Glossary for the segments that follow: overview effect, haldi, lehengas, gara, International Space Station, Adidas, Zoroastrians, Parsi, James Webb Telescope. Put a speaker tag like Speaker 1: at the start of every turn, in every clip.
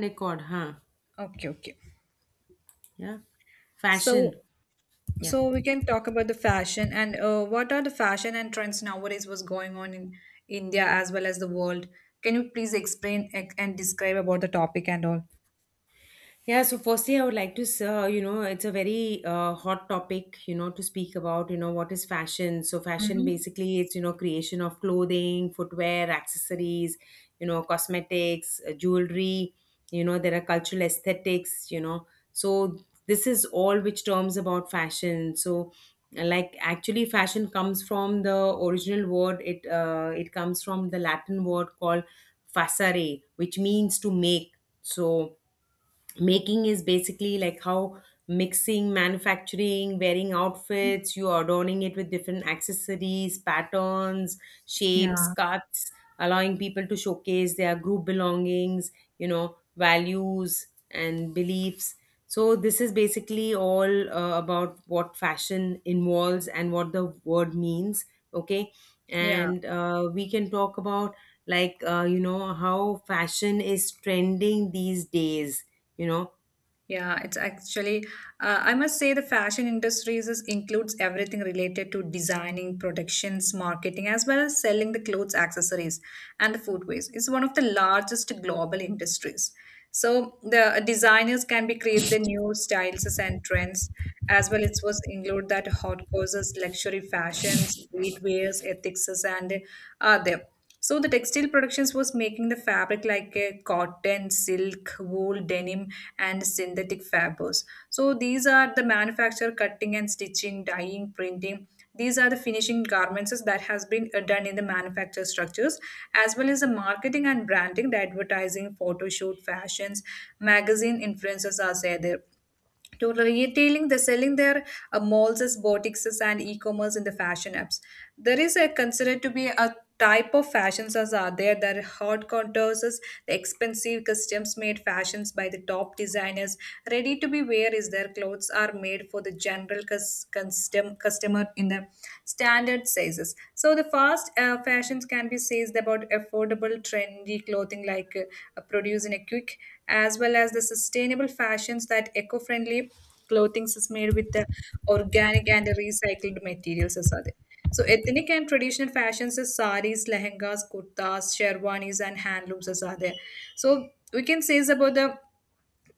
Speaker 1: Record, huh?
Speaker 2: Okay, okay.
Speaker 1: Yeah.
Speaker 2: So,
Speaker 1: Fashion. Yeah.
Speaker 2: so we can talk about the fashion and what are the fashion and trends nowadays? What's going on in India as well as the world? Can you please explain ex- and describe about the topic and all?
Speaker 1: Yeah, so firstly, I would like to, it's a very hot topic, to speak about, what is fashion. So, fashion
Speaker 2: Mm-hmm.
Speaker 1: basically it's, creation of clothing, footwear, accessories, cosmetics, jewelry, there are cultural aesthetics. So, this is all which terms about fashion. So, like actually fashion comes from the original word it comes from the latin word called facere, which means to make. So making is basically like how mixing, manufacturing, wearing outfits, you adorning it with different accessories, patterns, shapes,
Speaker 2: Yeah.
Speaker 1: cuts, allowing people to showcase their group belongings, values and beliefs. So this is basically all about what fashion involves and what the word means. Okay,
Speaker 2: Yeah.
Speaker 1: and we can talk about how fashion is trending these days you know
Speaker 2: Yeah, it's actually, I must say the fashion industries is, includes everything related to designing, productions, marketing, as well as selling the clothes, accessories, and the footwear. It's one of the largest global industries. So the designers can be create the new styles and trends, as well It was include that hot causes, luxury fashions, streetwears, ethics, and there. So the textile productions was making the fabric like a cotton, silk, wool, denim, and synthetic fibers. So these are the manufacture, cutting and stitching, dyeing, printing. These are the finishing garments that has been done in the manufacture structures, as well as the marketing and branding, the advertising, photo shoot, fashions, magazine influencers are there. Totally. Retailing, they're selling their malls as boutiques and e-commerce in the fashion apps. There is a considered to be a type of fashions as are there that are hot contours, is the expensive customs made fashions by the top designers. Ready to be wear is their clothes are made for the general customer in the standard sizes. So the fast fashions can be says about affordable trendy clothing like produce in a quick as well as the sustainable fashions that eco-friendly clothing is made with the organic and the recycled materials as are there. So ethnic and traditional fashions is saris, lehengas, kurtas, sherwanis and handlooms as are there. So we can say is about the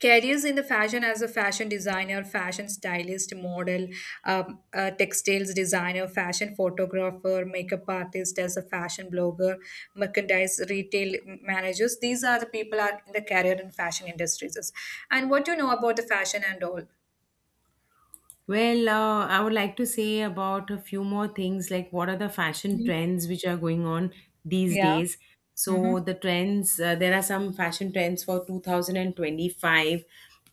Speaker 2: careers in the fashion as a fashion designer, fashion stylist, model, textiles designer, fashion photographer, makeup artist, as a fashion blogger, merchandise retail managers. These are the people are in the career in fashion industries. And what do you know about the fashion and all?
Speaker 1: well, I would like to say about a few more things like what are the fashion
Speaker 2: Mhm.
Speaker 1: trends which are going on these
Speaker 2: Yeah.
Speaker 1: days.
Speaker 2: Mm-hmm.
Speaker 1: So the trends there are some fashion trends for 2025,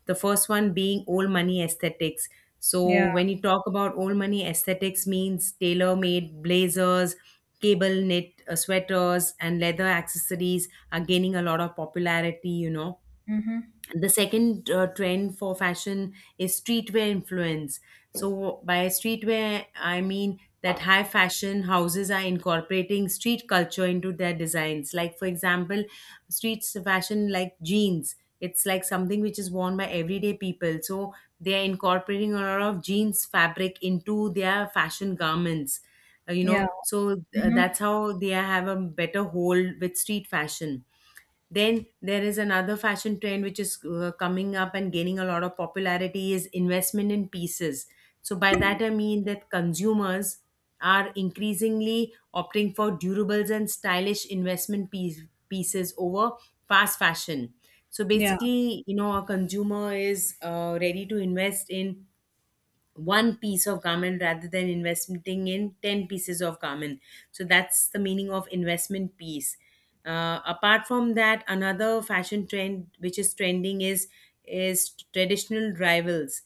Speaker 1: the first one being old money aesthetics. So
Speaker 2: Yeah.
Speaker 1: when you talk about old money aesthetics means tailor made blazers, cable knit sweaters and leather accessories are gaining a lot of popularity.
Speaker 2: Mm-hmm.
Speaker 1: The second trend for fashion is streetwear influence. So by streetwear I mean that high fashion houses are incorporating street culture into their designs, like for example streets fashion like jeans. It's like something which is worn by everyday people, so they are incorporating a lot of jeans fabric into their fashion garments.
Speaker 2: Yeah. Mm-hmm.
Speaker 1: That's how they have a better hold with street fashion. Then there is another fashion trend which is coming up and gaining a lot of popularity, is investment in pieces. So by that I mean that consumers are increasingly opting for durables and stylish pieces over fast fashion. So
Speaker 2: Yeah.
Speaker 1: basically, a consumer is ready to invest in one piece of garment rather than investing in 10 pieces of garment. So that's the meaning of investment piece. Apart from that, another fashion trend which is trending is traditional rivals.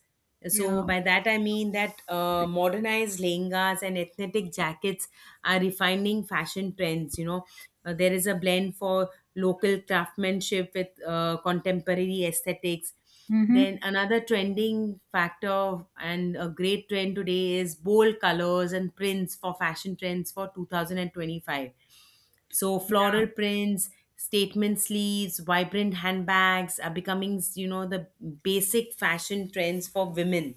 Speaker 1: So
Speaker 2: Yeah.
Speaker 1: by that I mean that modernized lehengas and ethnic jackets are refining fashion trends. There is a blend for local craftsmanship with contemporary aesthetics.
Speaker 2: Mm-hmm.
Speaker 1: Then another trending factor and a great trend today is bold colors and prints for fashion trends for 2025. So
Speaker 2: Yeah.
Speaker 1: floral prints, statement sleeves, vibrant handbags are becoming, the basic fashion trends for women,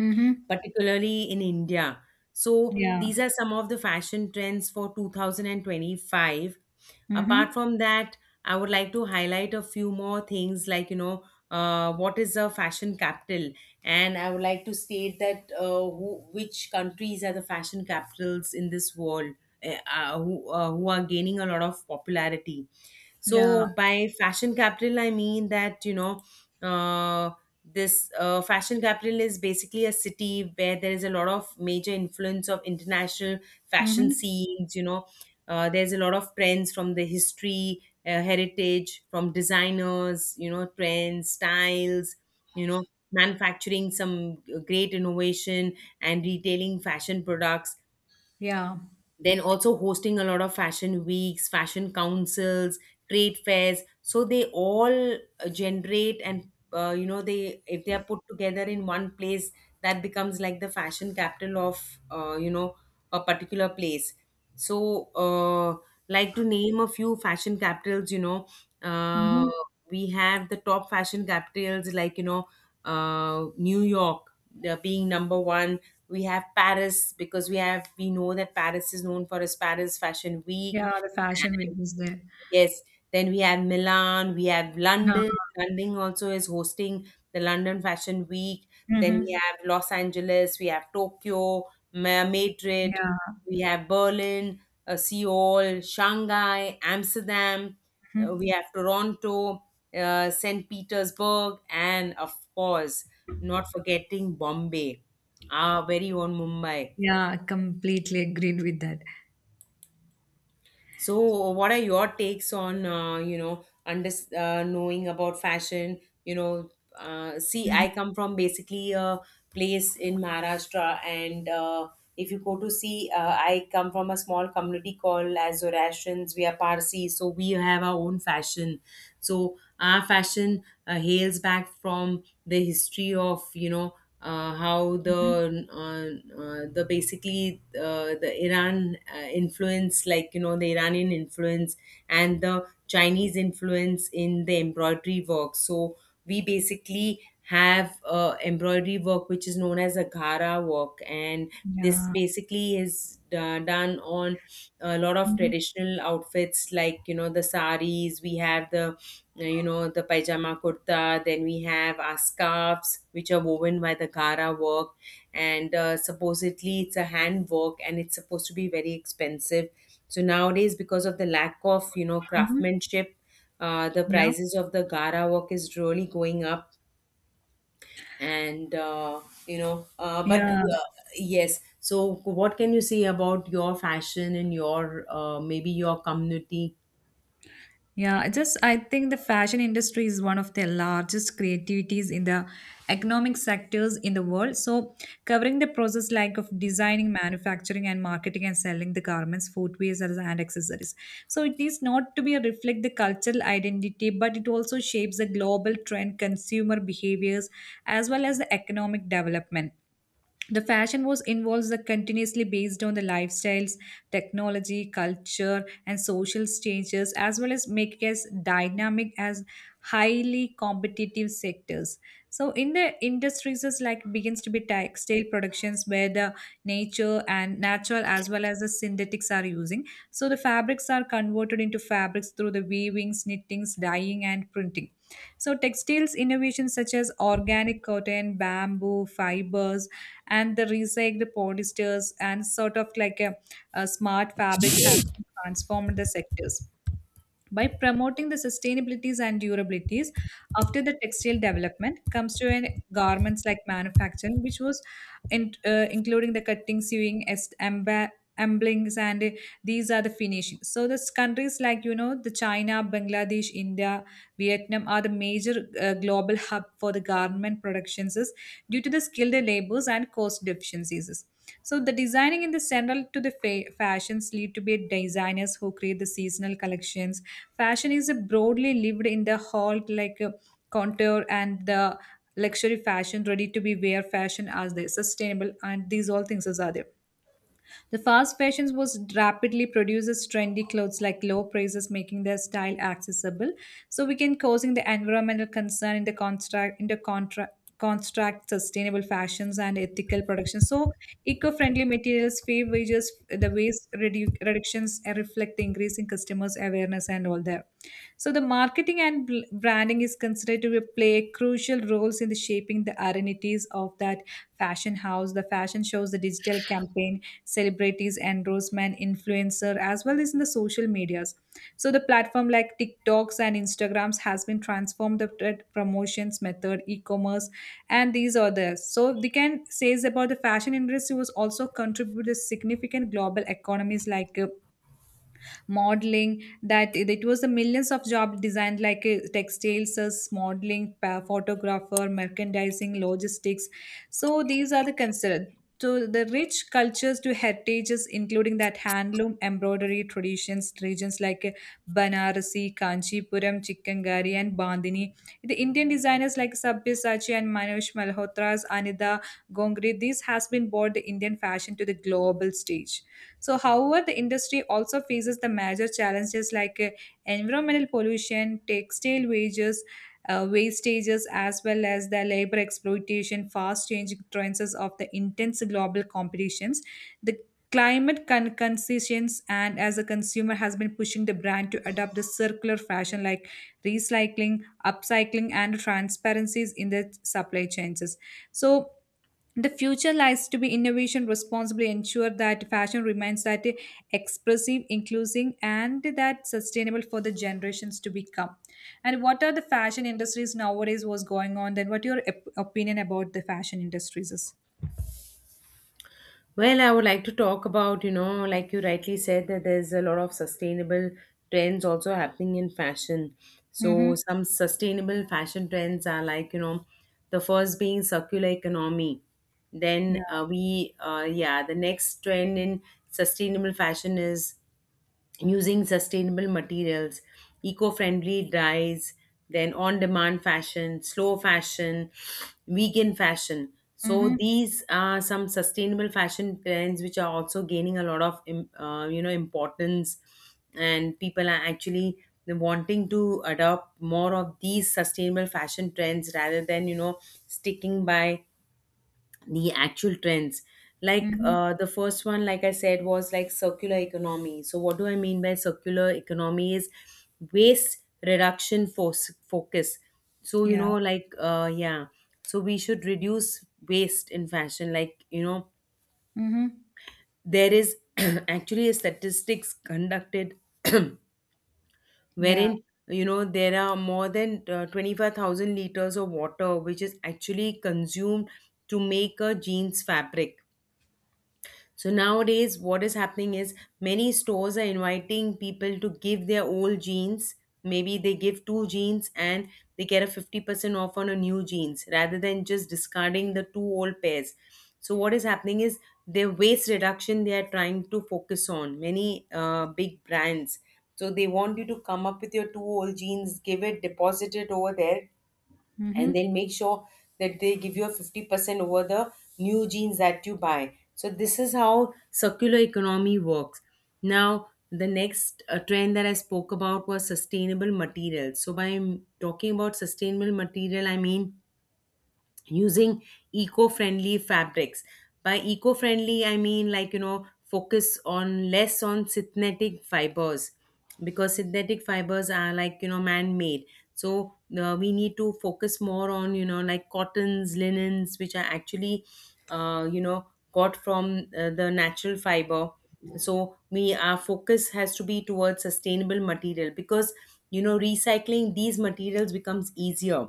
Speaker 2: Mm-hmm.
Speaker 1: particularly in India. So
Speaker 2: Yeah.
Speaker 1: these are some of the fashion trends for 2025. Apart
Speaker 2: Mm-hmm.
Speaker 1: from that, I would like to highlight a few more things like, what is the fashion capital? And I would like to state that which countries are the fashion capitals in this world, who are gaining a lot of popularity.
Speaker 2: Yeah.
Speaker 1: So by fashion capital, I mean that, uh, this fashion capital is basically a city where there is a lot of major influence of international fashion
Speaker 2: Mm-hmm.
Speaker 1: scenes. There's a lot of trends from the history, heritage, from designers. You know, trends, styles. You know, manufacturing some great innovation and retailing fashion products.
Speaker 2: Yeah.
Speaker 1: Then also hosting a lot of fashion weeks, fashion councils, trade fairs. So they all generate and they, if they are put together in one place, that becomes like the fashion capital of a particular place. So like to name a few fashion capitals uh,
Speaker 2: Mm-hmm.
Speaker 1: we have the top fashion capitals like new york, being number one. We have paris because we know that paris is known for its paris fashion week.
Speaker 2: Yeah, the fashion week is there.
Speaker 1: Yes. Then we have Milan, we have
Speaker 2: Yeah.
Speaker 1: London. London also is hosting the London Fashion Week. Then we
Speaker 2: Hmm.
Speaker 1: have Los Angeles, we have Tokyo, Madrid,
Speaker 2: Yeah.
Speaker 1: we have Berlin, Seoul, Shanghai, Amsterdam,
Speaker 2: Mhm.
Speaker 1: we have Toronto, St. Petersburg, and of course, not forgetting Bombay, our very own Mumbai.
Speaker 2: Yeah, completely agreed with that.
Speaker 1: So, what are your takes on you know under knowing about fashion? See,
Speaker 2: Hmm.
Speaker 1: I come from basically a place in Maharashtra, and if you go to see, I come from a small community called as Zoroastrians. We are Parsi, so we have our own fashion. So our fashion hails back from the history of how
Speaker 2: Hmm.
Speaker 1: the basically the Iran influence, like the Iranian influence and the Chinese influence in the embroidery work. So we basically have embroidery work which is known as a ghara work, and this
Speaker 2: Yeah.
Speaker 1: basically is done on a lot of
Speaker 2: Hmm.
Speaker 1: traditional outfits like the saris, we have the you know the pajama kurta, then we have our scarves which are woven by the gara work, and supposedly it's a hand work and it's supposed to be very expensive. So nowadays, because of the lack of
Speaker 2: Hmm.
Speaker 1: craftsmanship, the
Speaker 2: Yeah.
Speaker 1: prices of the gara work is really going up, and you know but
Speaker 2: Yeah.
Speaker 1: yes. So what can you say about your fashion and your maybe your community?
Speaker 2: Yeah, I think the fashion industry is one of the largest creativities in the economic sectors in the world. So covering the process like of designing, manufacturing and marketing and selling the garments, footwears and accessories. So it is not to be a reflect the cultural identity, but it also shapes the global trend, consumer behaviors, as well as the economic development. The fashion was involves the continuously based on the lifestyles, technology, culture and social changes, as well as make it as dynamic as highly competitive sectors. So in the industries is like begins to be textile productions where the nature and natural as well as the synthetics are using. So the fabrics are converted into fabrics through the weavings, knittings, dyeing and printing. So textiles innovations such as organic cotton, bamboo fibers and the recycled polyesters and sort of like a smart fabrics have been transformed the sectors by promoting the sustainabilities and durabilities. After the textile development comes to an garments like manufacturing, which was in, including the cutting, sewing, emblings, and these are the finishing. So this countries like you know the China, Bangladesh, India, Vietnam are the major global hub for the garment productions is due to the skilled labors and cost efficiencies. So the designing in the central to the fashions lead to be designers who create the seasonal collections. Fashion is broadly lived in the hall like contour and the luxury fashion, ready to be wear fashion as the sustainable and these all things as are there. The fast fashion was rapidly produces trendy clothes like low prices, making their style accessible. So we can causing the environmental concern in the contract construct sustainable fashions and ethical production. So eco-friendly materials, fair wages, the waste reductions reflect the increase in customers awareness and all that. So the marketing and branding is considered to be- play crucial roles in the shaping the identities of that fashion house. The fashion shows, the digital campaigns, celebrities, endorsement, influencer, as well as in the social medias. So the platform like TikToks and Instagrams has been transformed the promotions method, e-commerce, and these others. So they can says about the fashion industry was also contributed significant global economies like modeling that it was a millions of job designed like textiles as modeling photographer merchandising logistics. So these are the considered. So the rich cultures to heritages including that handloom embroidery traditions regions like banarasi, kanchipuram, chikkangari and bandhani, the indian designers like sabyasachi and manoj malhotra's anida gongri, this has been brought the indian fashion to the global stage. So, however, the industry also faces the major challenges like environmental pollution, textile wages, wastages, as well as the labor exploitation, fast changing trends of the intense global competitions. The climate concessions and as a consumer has been pushing the brand to adopt the circular fashion like recycling, upcycling and transparencies in the supply chains. So the future lies to be innovation responsibly ensure that fashion remains that expressive, inclusive, and that sustainable for the generations to become. And what are the fashion industries nowadays? What's going on? Then what your opinion about the fashion industries is?
Speaker 1: Well, I would like to talk about, like you rightly said that there's a lot of sustainable trends also happening in fashion. So
Speaker 2: Mm-hmm.
Speaker 1: some sustainable fashion trends are like the first being circular economy. Then
Speaker 2: Yeah.
Speaker 1: we yeah, the next trend in sustainable fashion is using sustainable materials, eco friendly dyes, then on demand fashion, slow fashion, vegan fashion. So
Speaker 2: Mm-hmm.
Speaker 1: these are some sustainable fashion trends which are also gaining a lot of importance, and people are actually wanting to adopt more of these sustainable fashion trends rather than sticking by the actual trends. Like
Speaker 2: Mm-hmm.
Speaker 1: the first one, like I said, was like circular economy. So what do I mean by circular economy is waste reduction force focus. So
Speaker 2: Yeah.
Speaker 1: yeah, so we should reduce waste in fashion, like
Speaker 2: Mm-hmm.
Speaker 1: there is actually a statistics conducted
Speaker 2: Yeah.
Speaker 1: wherein there are more than 25,000 liters of water which is actually consumed to make a jeans fabric. So nowadays, what is happening is many stores are inviting people to give their old jeans. Maybe they give two jeans and they get a 50% off on a new jeans rather than just discarding the two old pairs. So, what is happening is their waste reduction they are trying to focus on. Many big brands. So, they want you to come up with your two old jeans, give it, deposit it over there, and
Speaker 2: Mm-hmm.
Speaker 1: they'll make sure that they give you a 50% over the new jeans that you buy. So this is how circular economy works. Now the next trend that I spoke about was sustainable materials. So by talking about sustainable material I mean using eco-friendly fabrics. By eco-friendly I mean like focus on less on synthetic fibers, because synthetic fibers are like man-made. So we need to focus more on like cottons, linens, which are actually uh, you know got from the natural fiber. So we our focus has to be towards sustainable material, because recycling these materials becomes easier.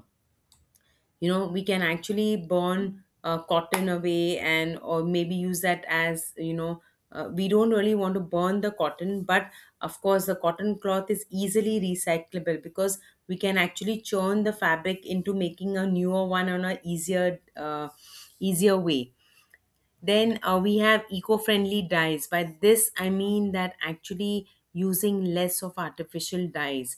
Speaker 1: You know, we can actually burn cotton away and or maybe use that as we don't really want to burn the cotton, but of course the cotton cloth is easily recyclable because we can actually churn the fabric into making a newer one on a easier way. Then we have eco friendly dyes. By this, I mean that actually using less of artificial dyes.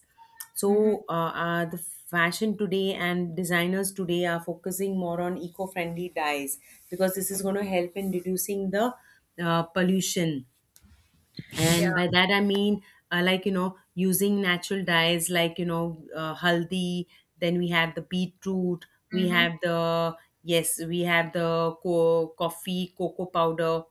Speaker 2: Mm-hmm.
Speaker 1: So, the fashion today and designers today are focusing more on eco friendly dyes because this is going to help in reducing the pollution.
Speaker 2: Yeah.
Speaker 1: And by that I mean like using natural dyes, like haldi, then we have the beetroot, we
Speaker 2: Mm-hmm.
Speaker 1: have the yes, we have the coffee, cocoa powder.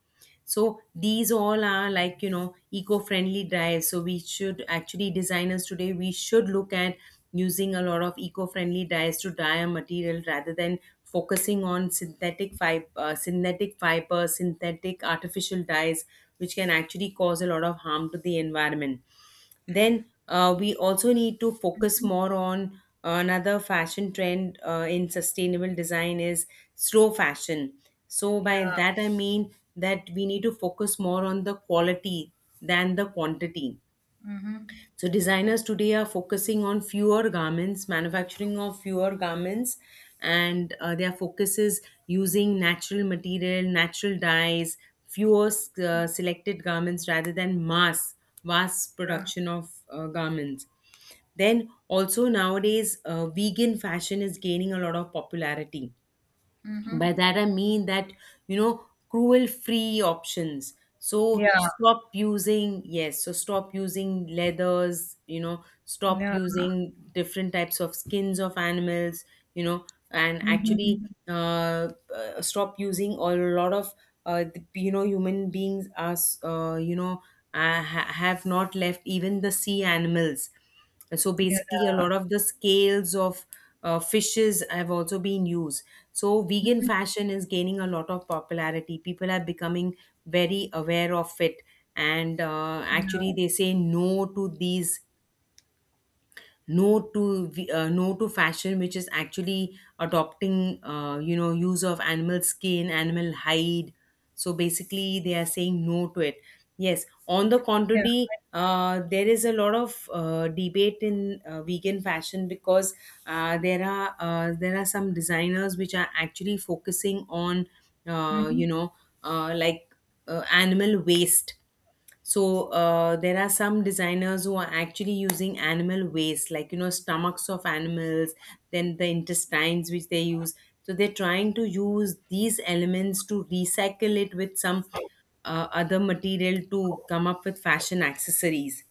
Speaker 1: So these all are like eco-friendly drives. So we should actually, designers today, we should look at using a lot of eco-friendly dyes to dye a material rather than focusing on synthetic artificial dyes which can actually cause a lot of harm to the environment. Then we also need to focus more on another fashion trend in sustainable design is slow fashion. So
Speaker 2: Yeah.
Speaker 1: by that I mean that we need to focus more on the quality than the quantity,
Speaker 2: Mm-hmm.
Speaker 1: so designers today are focusing on fewer garments, manufacturing of fewer garments, and their focus is using natural material, natural dyes, fewer selected garments rather than mass
Speaker 2: Yeah.
Speaker 1: production of garments. Then also nowadays, vegan fashion is gaining a lot of popularity. By that I mean that, you know, cruel free options. So
Speaker 2: Yeah.
Speaker 1: stop using, yes, so stop using leathers, you know, stop
Speaker 2: Yeah.
Speaker 1: using different types of skins of animals, you know. And actually,
Speaker 2: Mm-hmm.
Speaker 1: stop using a lot of you know, human beings are you know, have not left even the sea animals. So basically, a
Speaker 2: Yeah.
Speaker 1: lot of the scales of fishes have also been used. So vegan fashion is gaining a lot of popularity. People are becoming very aware of it, and
Speaker 2: Yeah.
Speaker 1: actually, they say no to these, no to fashion which is actually adopting, you know, use of animal skin, animal hide. So basically they are saying no to it. Yes, on the
Speaker 2: Yeah.
Speaker 1: contrary, there is a lot of debate in vegan fashion, because there are some designers which are actually focusing on, uh, you
Speaker 2: Mm-hmm.
Speaker 1: know uh, like animal waste. So there are some designers who are actually using animal waste, like you know, stomachs of animals, then the intestines which they use. So they're trying to use these elements to recycle it with some other material to come up with fashion accessories.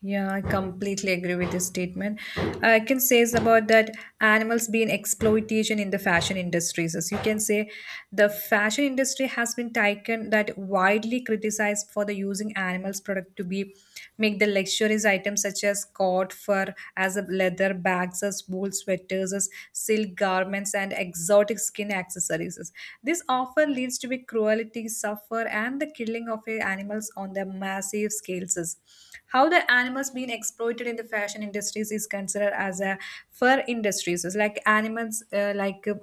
Speaker 2: Yeah, I completely agree with this statement. I can say is about that animals being exploitation in the fashion industries. As you can say, the fashion industry has been taken that widely criticized for the using animals product to be make the luxurious items such as cot fur as a leather bags as wool sweaters as silk garments and exotic skin accessories. This often leads to be cruelty, suffer hunger and the killing of animals on the massive scales. Is. How the animals being exploited in the fashion industries is considered as a fur industries. It's like animals like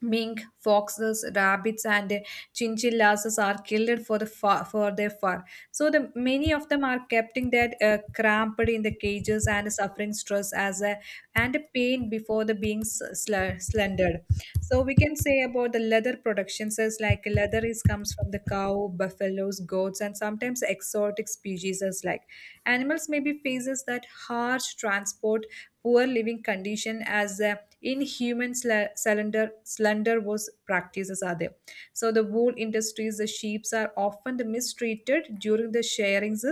Speaker 2: mink, foxes, rabbits, and chinchillas are killed for the fur, for their fur. So the many of them are kept in that cramped in the cages and suffering stress as a and pain before the being slendered. So we can say about the leather productions is like leather is comes from the cow, buffaloes, goats, and sometimes exotic species as like animals maybe faces that harsh transport, poor living condition as inhuman slender was practices are there. So the wool industries, the sheeps are often mistreated during the sharings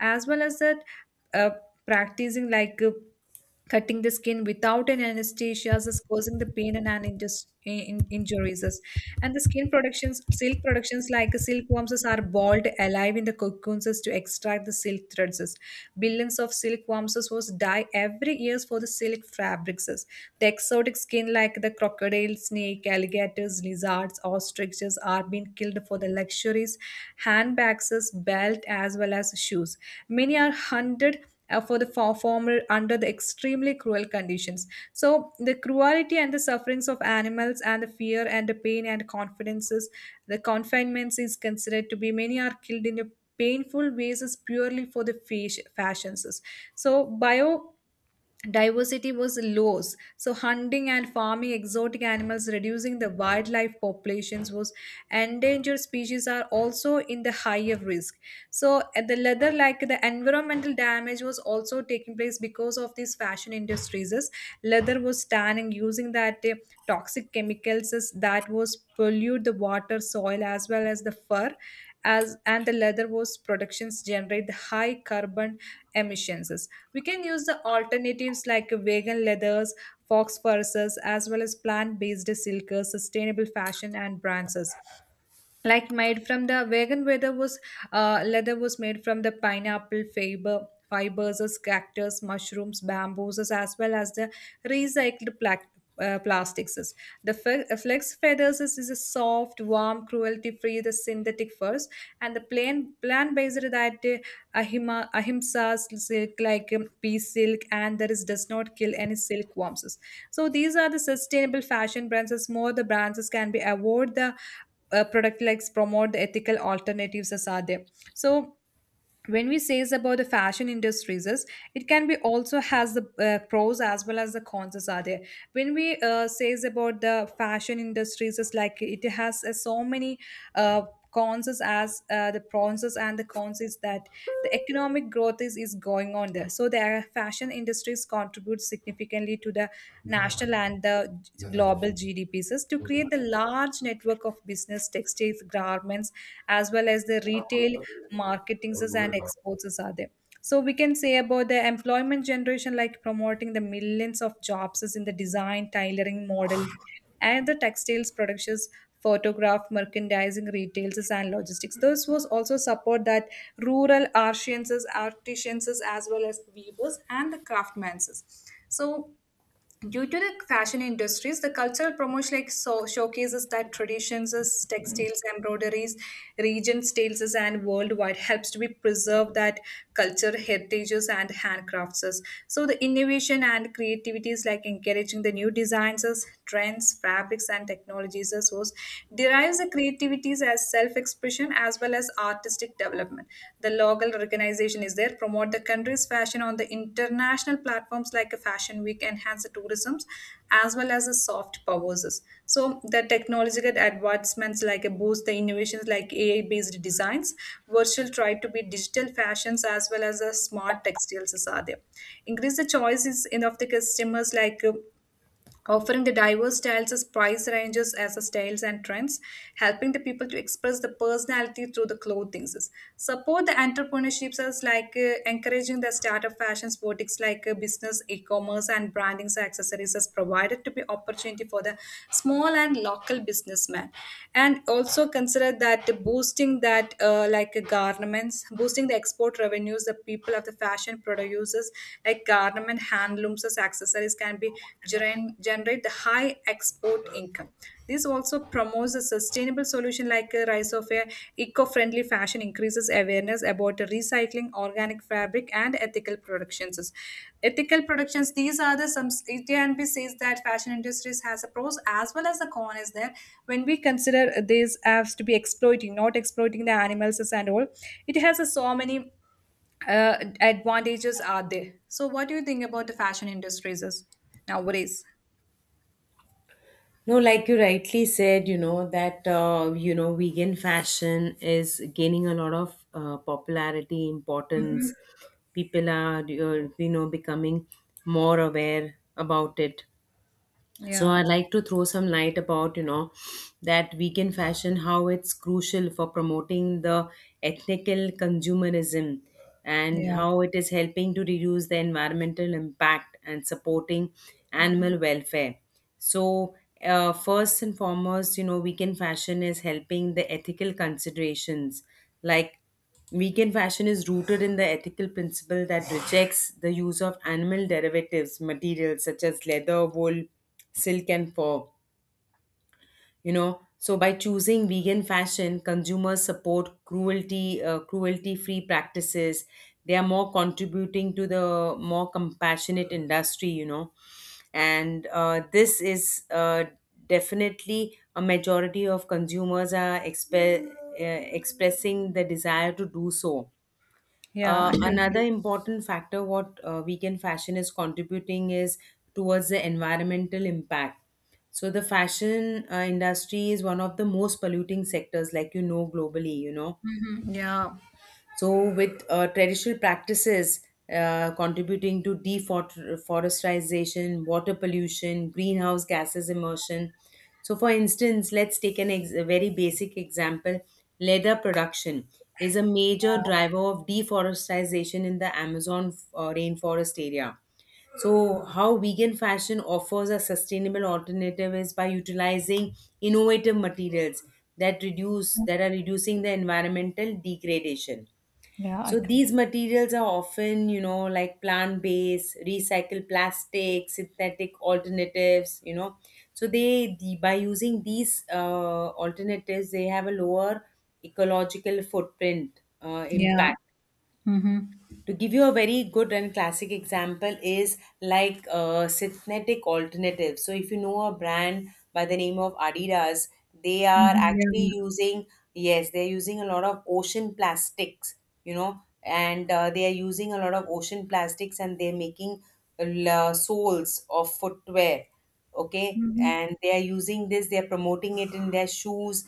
Speaker 2: as well as that uh, practicing like cutting the skin without an anesthesia is causing the pain and an injuries. And the skin productions, silk productions like silkworms is are boiled alive in the cocoons to extract the silk threads. Billions of silkworms was die every year for the silk fabrics. The exotic skin like the crocodile, snake, alligators, lizards, ostriches are being killed for the luxuries, handbags, belt as well as shoes. Many are hunted for the former under the extremely cruel conditions. So the cruelty and the sufferings of animals and the fear and the pain and confidences, the confinements is considered to be many are killed in a painful ways is purely for the fashions. So bio diversity was lows, so hunting and farming exotic animals reducing the wildlife populations was endangered species are also in the higher risk. So the leather like the environmental damage was also taking place because of these fashion industries. Is leather was tan and using that toxic chemicals is- that was pollute the water soil as well as the fur as and the leather was productions generate the high carbon emissions. Is we can use the alternatives like vegan leathers, fox furs, as well as plant-based silks, sustainable fashion and brands like made from the vegan leather was made from the pineapple fibers as cactus, mushrooms, bamboos, as well as the recycled plastics is. The flex feathers is a soft warm cruelty free the synthetic furs and the plain plant based that ahima ahimsa silk like pea silk and there is does not kill any silkworms. So these are the sustainable fashion brands. As more the brands as can be award the product likes promote the ethical alternatives as are there. So when we says about the fashion industries is it can be also has the pros as well as the cons as are there. When we says about the fashion industries is like it has so many uh, cons is as the pros and the cons is that the economic growth is going on there. So the fashion industries contribute significantly to the national and the global gdps to create the large network of business, textiles, garments as well as the retail marketings and exports are there. So we can say about the employment generation like promoting the millions of jobs is in the design, tailoring, model and the textiles productions, photograph, merchandising, retails and logistics. This was also support that rural artisans as well as weavers and the craftsmen. So due to the fashion industries, the cultural promotion like so showcases that traditions, as textiles, embroideries, region styles, and worldwide helps to be preserve that culture, heritages, and handcrafts. So the innovation and creativity is like encouraging the new designs, trends, fabrics, and technologies a source, derives the creativities as self-expression as well as artistic development. The local organization is there, promote the country's fashion on the international platforms like a Fashion Week, enhance the tourism, as well as the soft powers. So the technological advancements like a boost the innovations like AI-based designs, virtual try to be digital fashions as well as the smart textiles is are there. Increase the choices in of the customers like offering the diverse styles as price ranges as a styles and trends helping the people to express the personality through the clothing, support the entrepreneurships as like encouraging the startup fashions, boutiques like business e-commerce and branding accessories as provided to be opportunity for the small and local businessman and also consider that boosting that like garments boosting the export revenues the people of the fashion producers like garment, handlooms, as accessories can be generate the high export income. This also promotes a sustainable solution like a rise of a eco-friendly fashion increases awareness about recycling, organic fabric, and ethical productions. Ethical productions, these are the some it can be says that fashion industries has a pros as well as the con is there. When we consider these as to be exploiting, not exploiting the animals and all, it has a so many advantages are there. So, what do you think about the fashion industries is nowadays?
Speaker 1: No, like you rightly said, you know, that, you know, vegan fashion is gaining a lot of popularity,
Speaker 2: Hmm.
Speaker 1: importance. People are, you know, becoming more aware about it. So
Speaker 2: Yeah,
Speaker 1: I'd like to throw some light about, you know, that vegan fashion, how it's crucial for promoting the ethical consumerism and
Speaker 2: yeah,
Speaker 1: how it is helping to reduce the environmental impact and supporting
Speaker 2: hmm,
Speaker 1: animal welfare. So first and foremost, you know, vegan fashion is helping the ethical considerations. Like, vegan fashion is rooted in the ethical principle that rejects the use of animal derivatives, materials such as leather, wool, silk, and fur. You know, so by choosing vegan fashion, consumers support cruelty, cruelty-free practices. They are more contributing to the more compassionate industry. You know, and this is, definitely a majority of consumers are expressing the desire to do so.
Speaker 2: yeah. I
Speaker 1: Another
Speaker 2: completely.
Speaker 1: important factor what weekend fashion is contributing is towards the environmental impact. So the fashion industry is one of the most polluting sectors, like you know, globally. You know,
Speaker 2: Yeah,
Speaker 1: so, with traditional practices contributing to deforestation, water pollution, greenhouse gases emission. So, for instance, let's take a very basic example. Leather production is a major driver of deforestation in the Amazon rainforest area. So, how vegan fashion offers a sustainable alternative is by utilizing innovative materials that are reducing the environmental degradation.
Speaker 2: yeah. I
Speaker 1: So
Speaker 2: com-
Speaker 1: these materials are often, you know, like plant based, recycled plastics, synthetic alternatives, you know. So by using these alternatives, they have a lower ecological footprint
Speaker 2: yeah.
Speaker 1: impact.
Speaker 2: Mm-hmm.
Speaker 1: To give you a very good and classic example is like synthetic alternatives. So if you know a brand by the name of Adidas, they are actually
Speaker 2: Mm-hmm.
Speaker 1: using, yes, they're using a lot of ocean plastics, you know, and they are using a lot of ocean plastics, and they're making soles of footwear, okay,
Speaker 2: Yeah.
Speaker 1: and they are using this, they are promoting it in their shoes.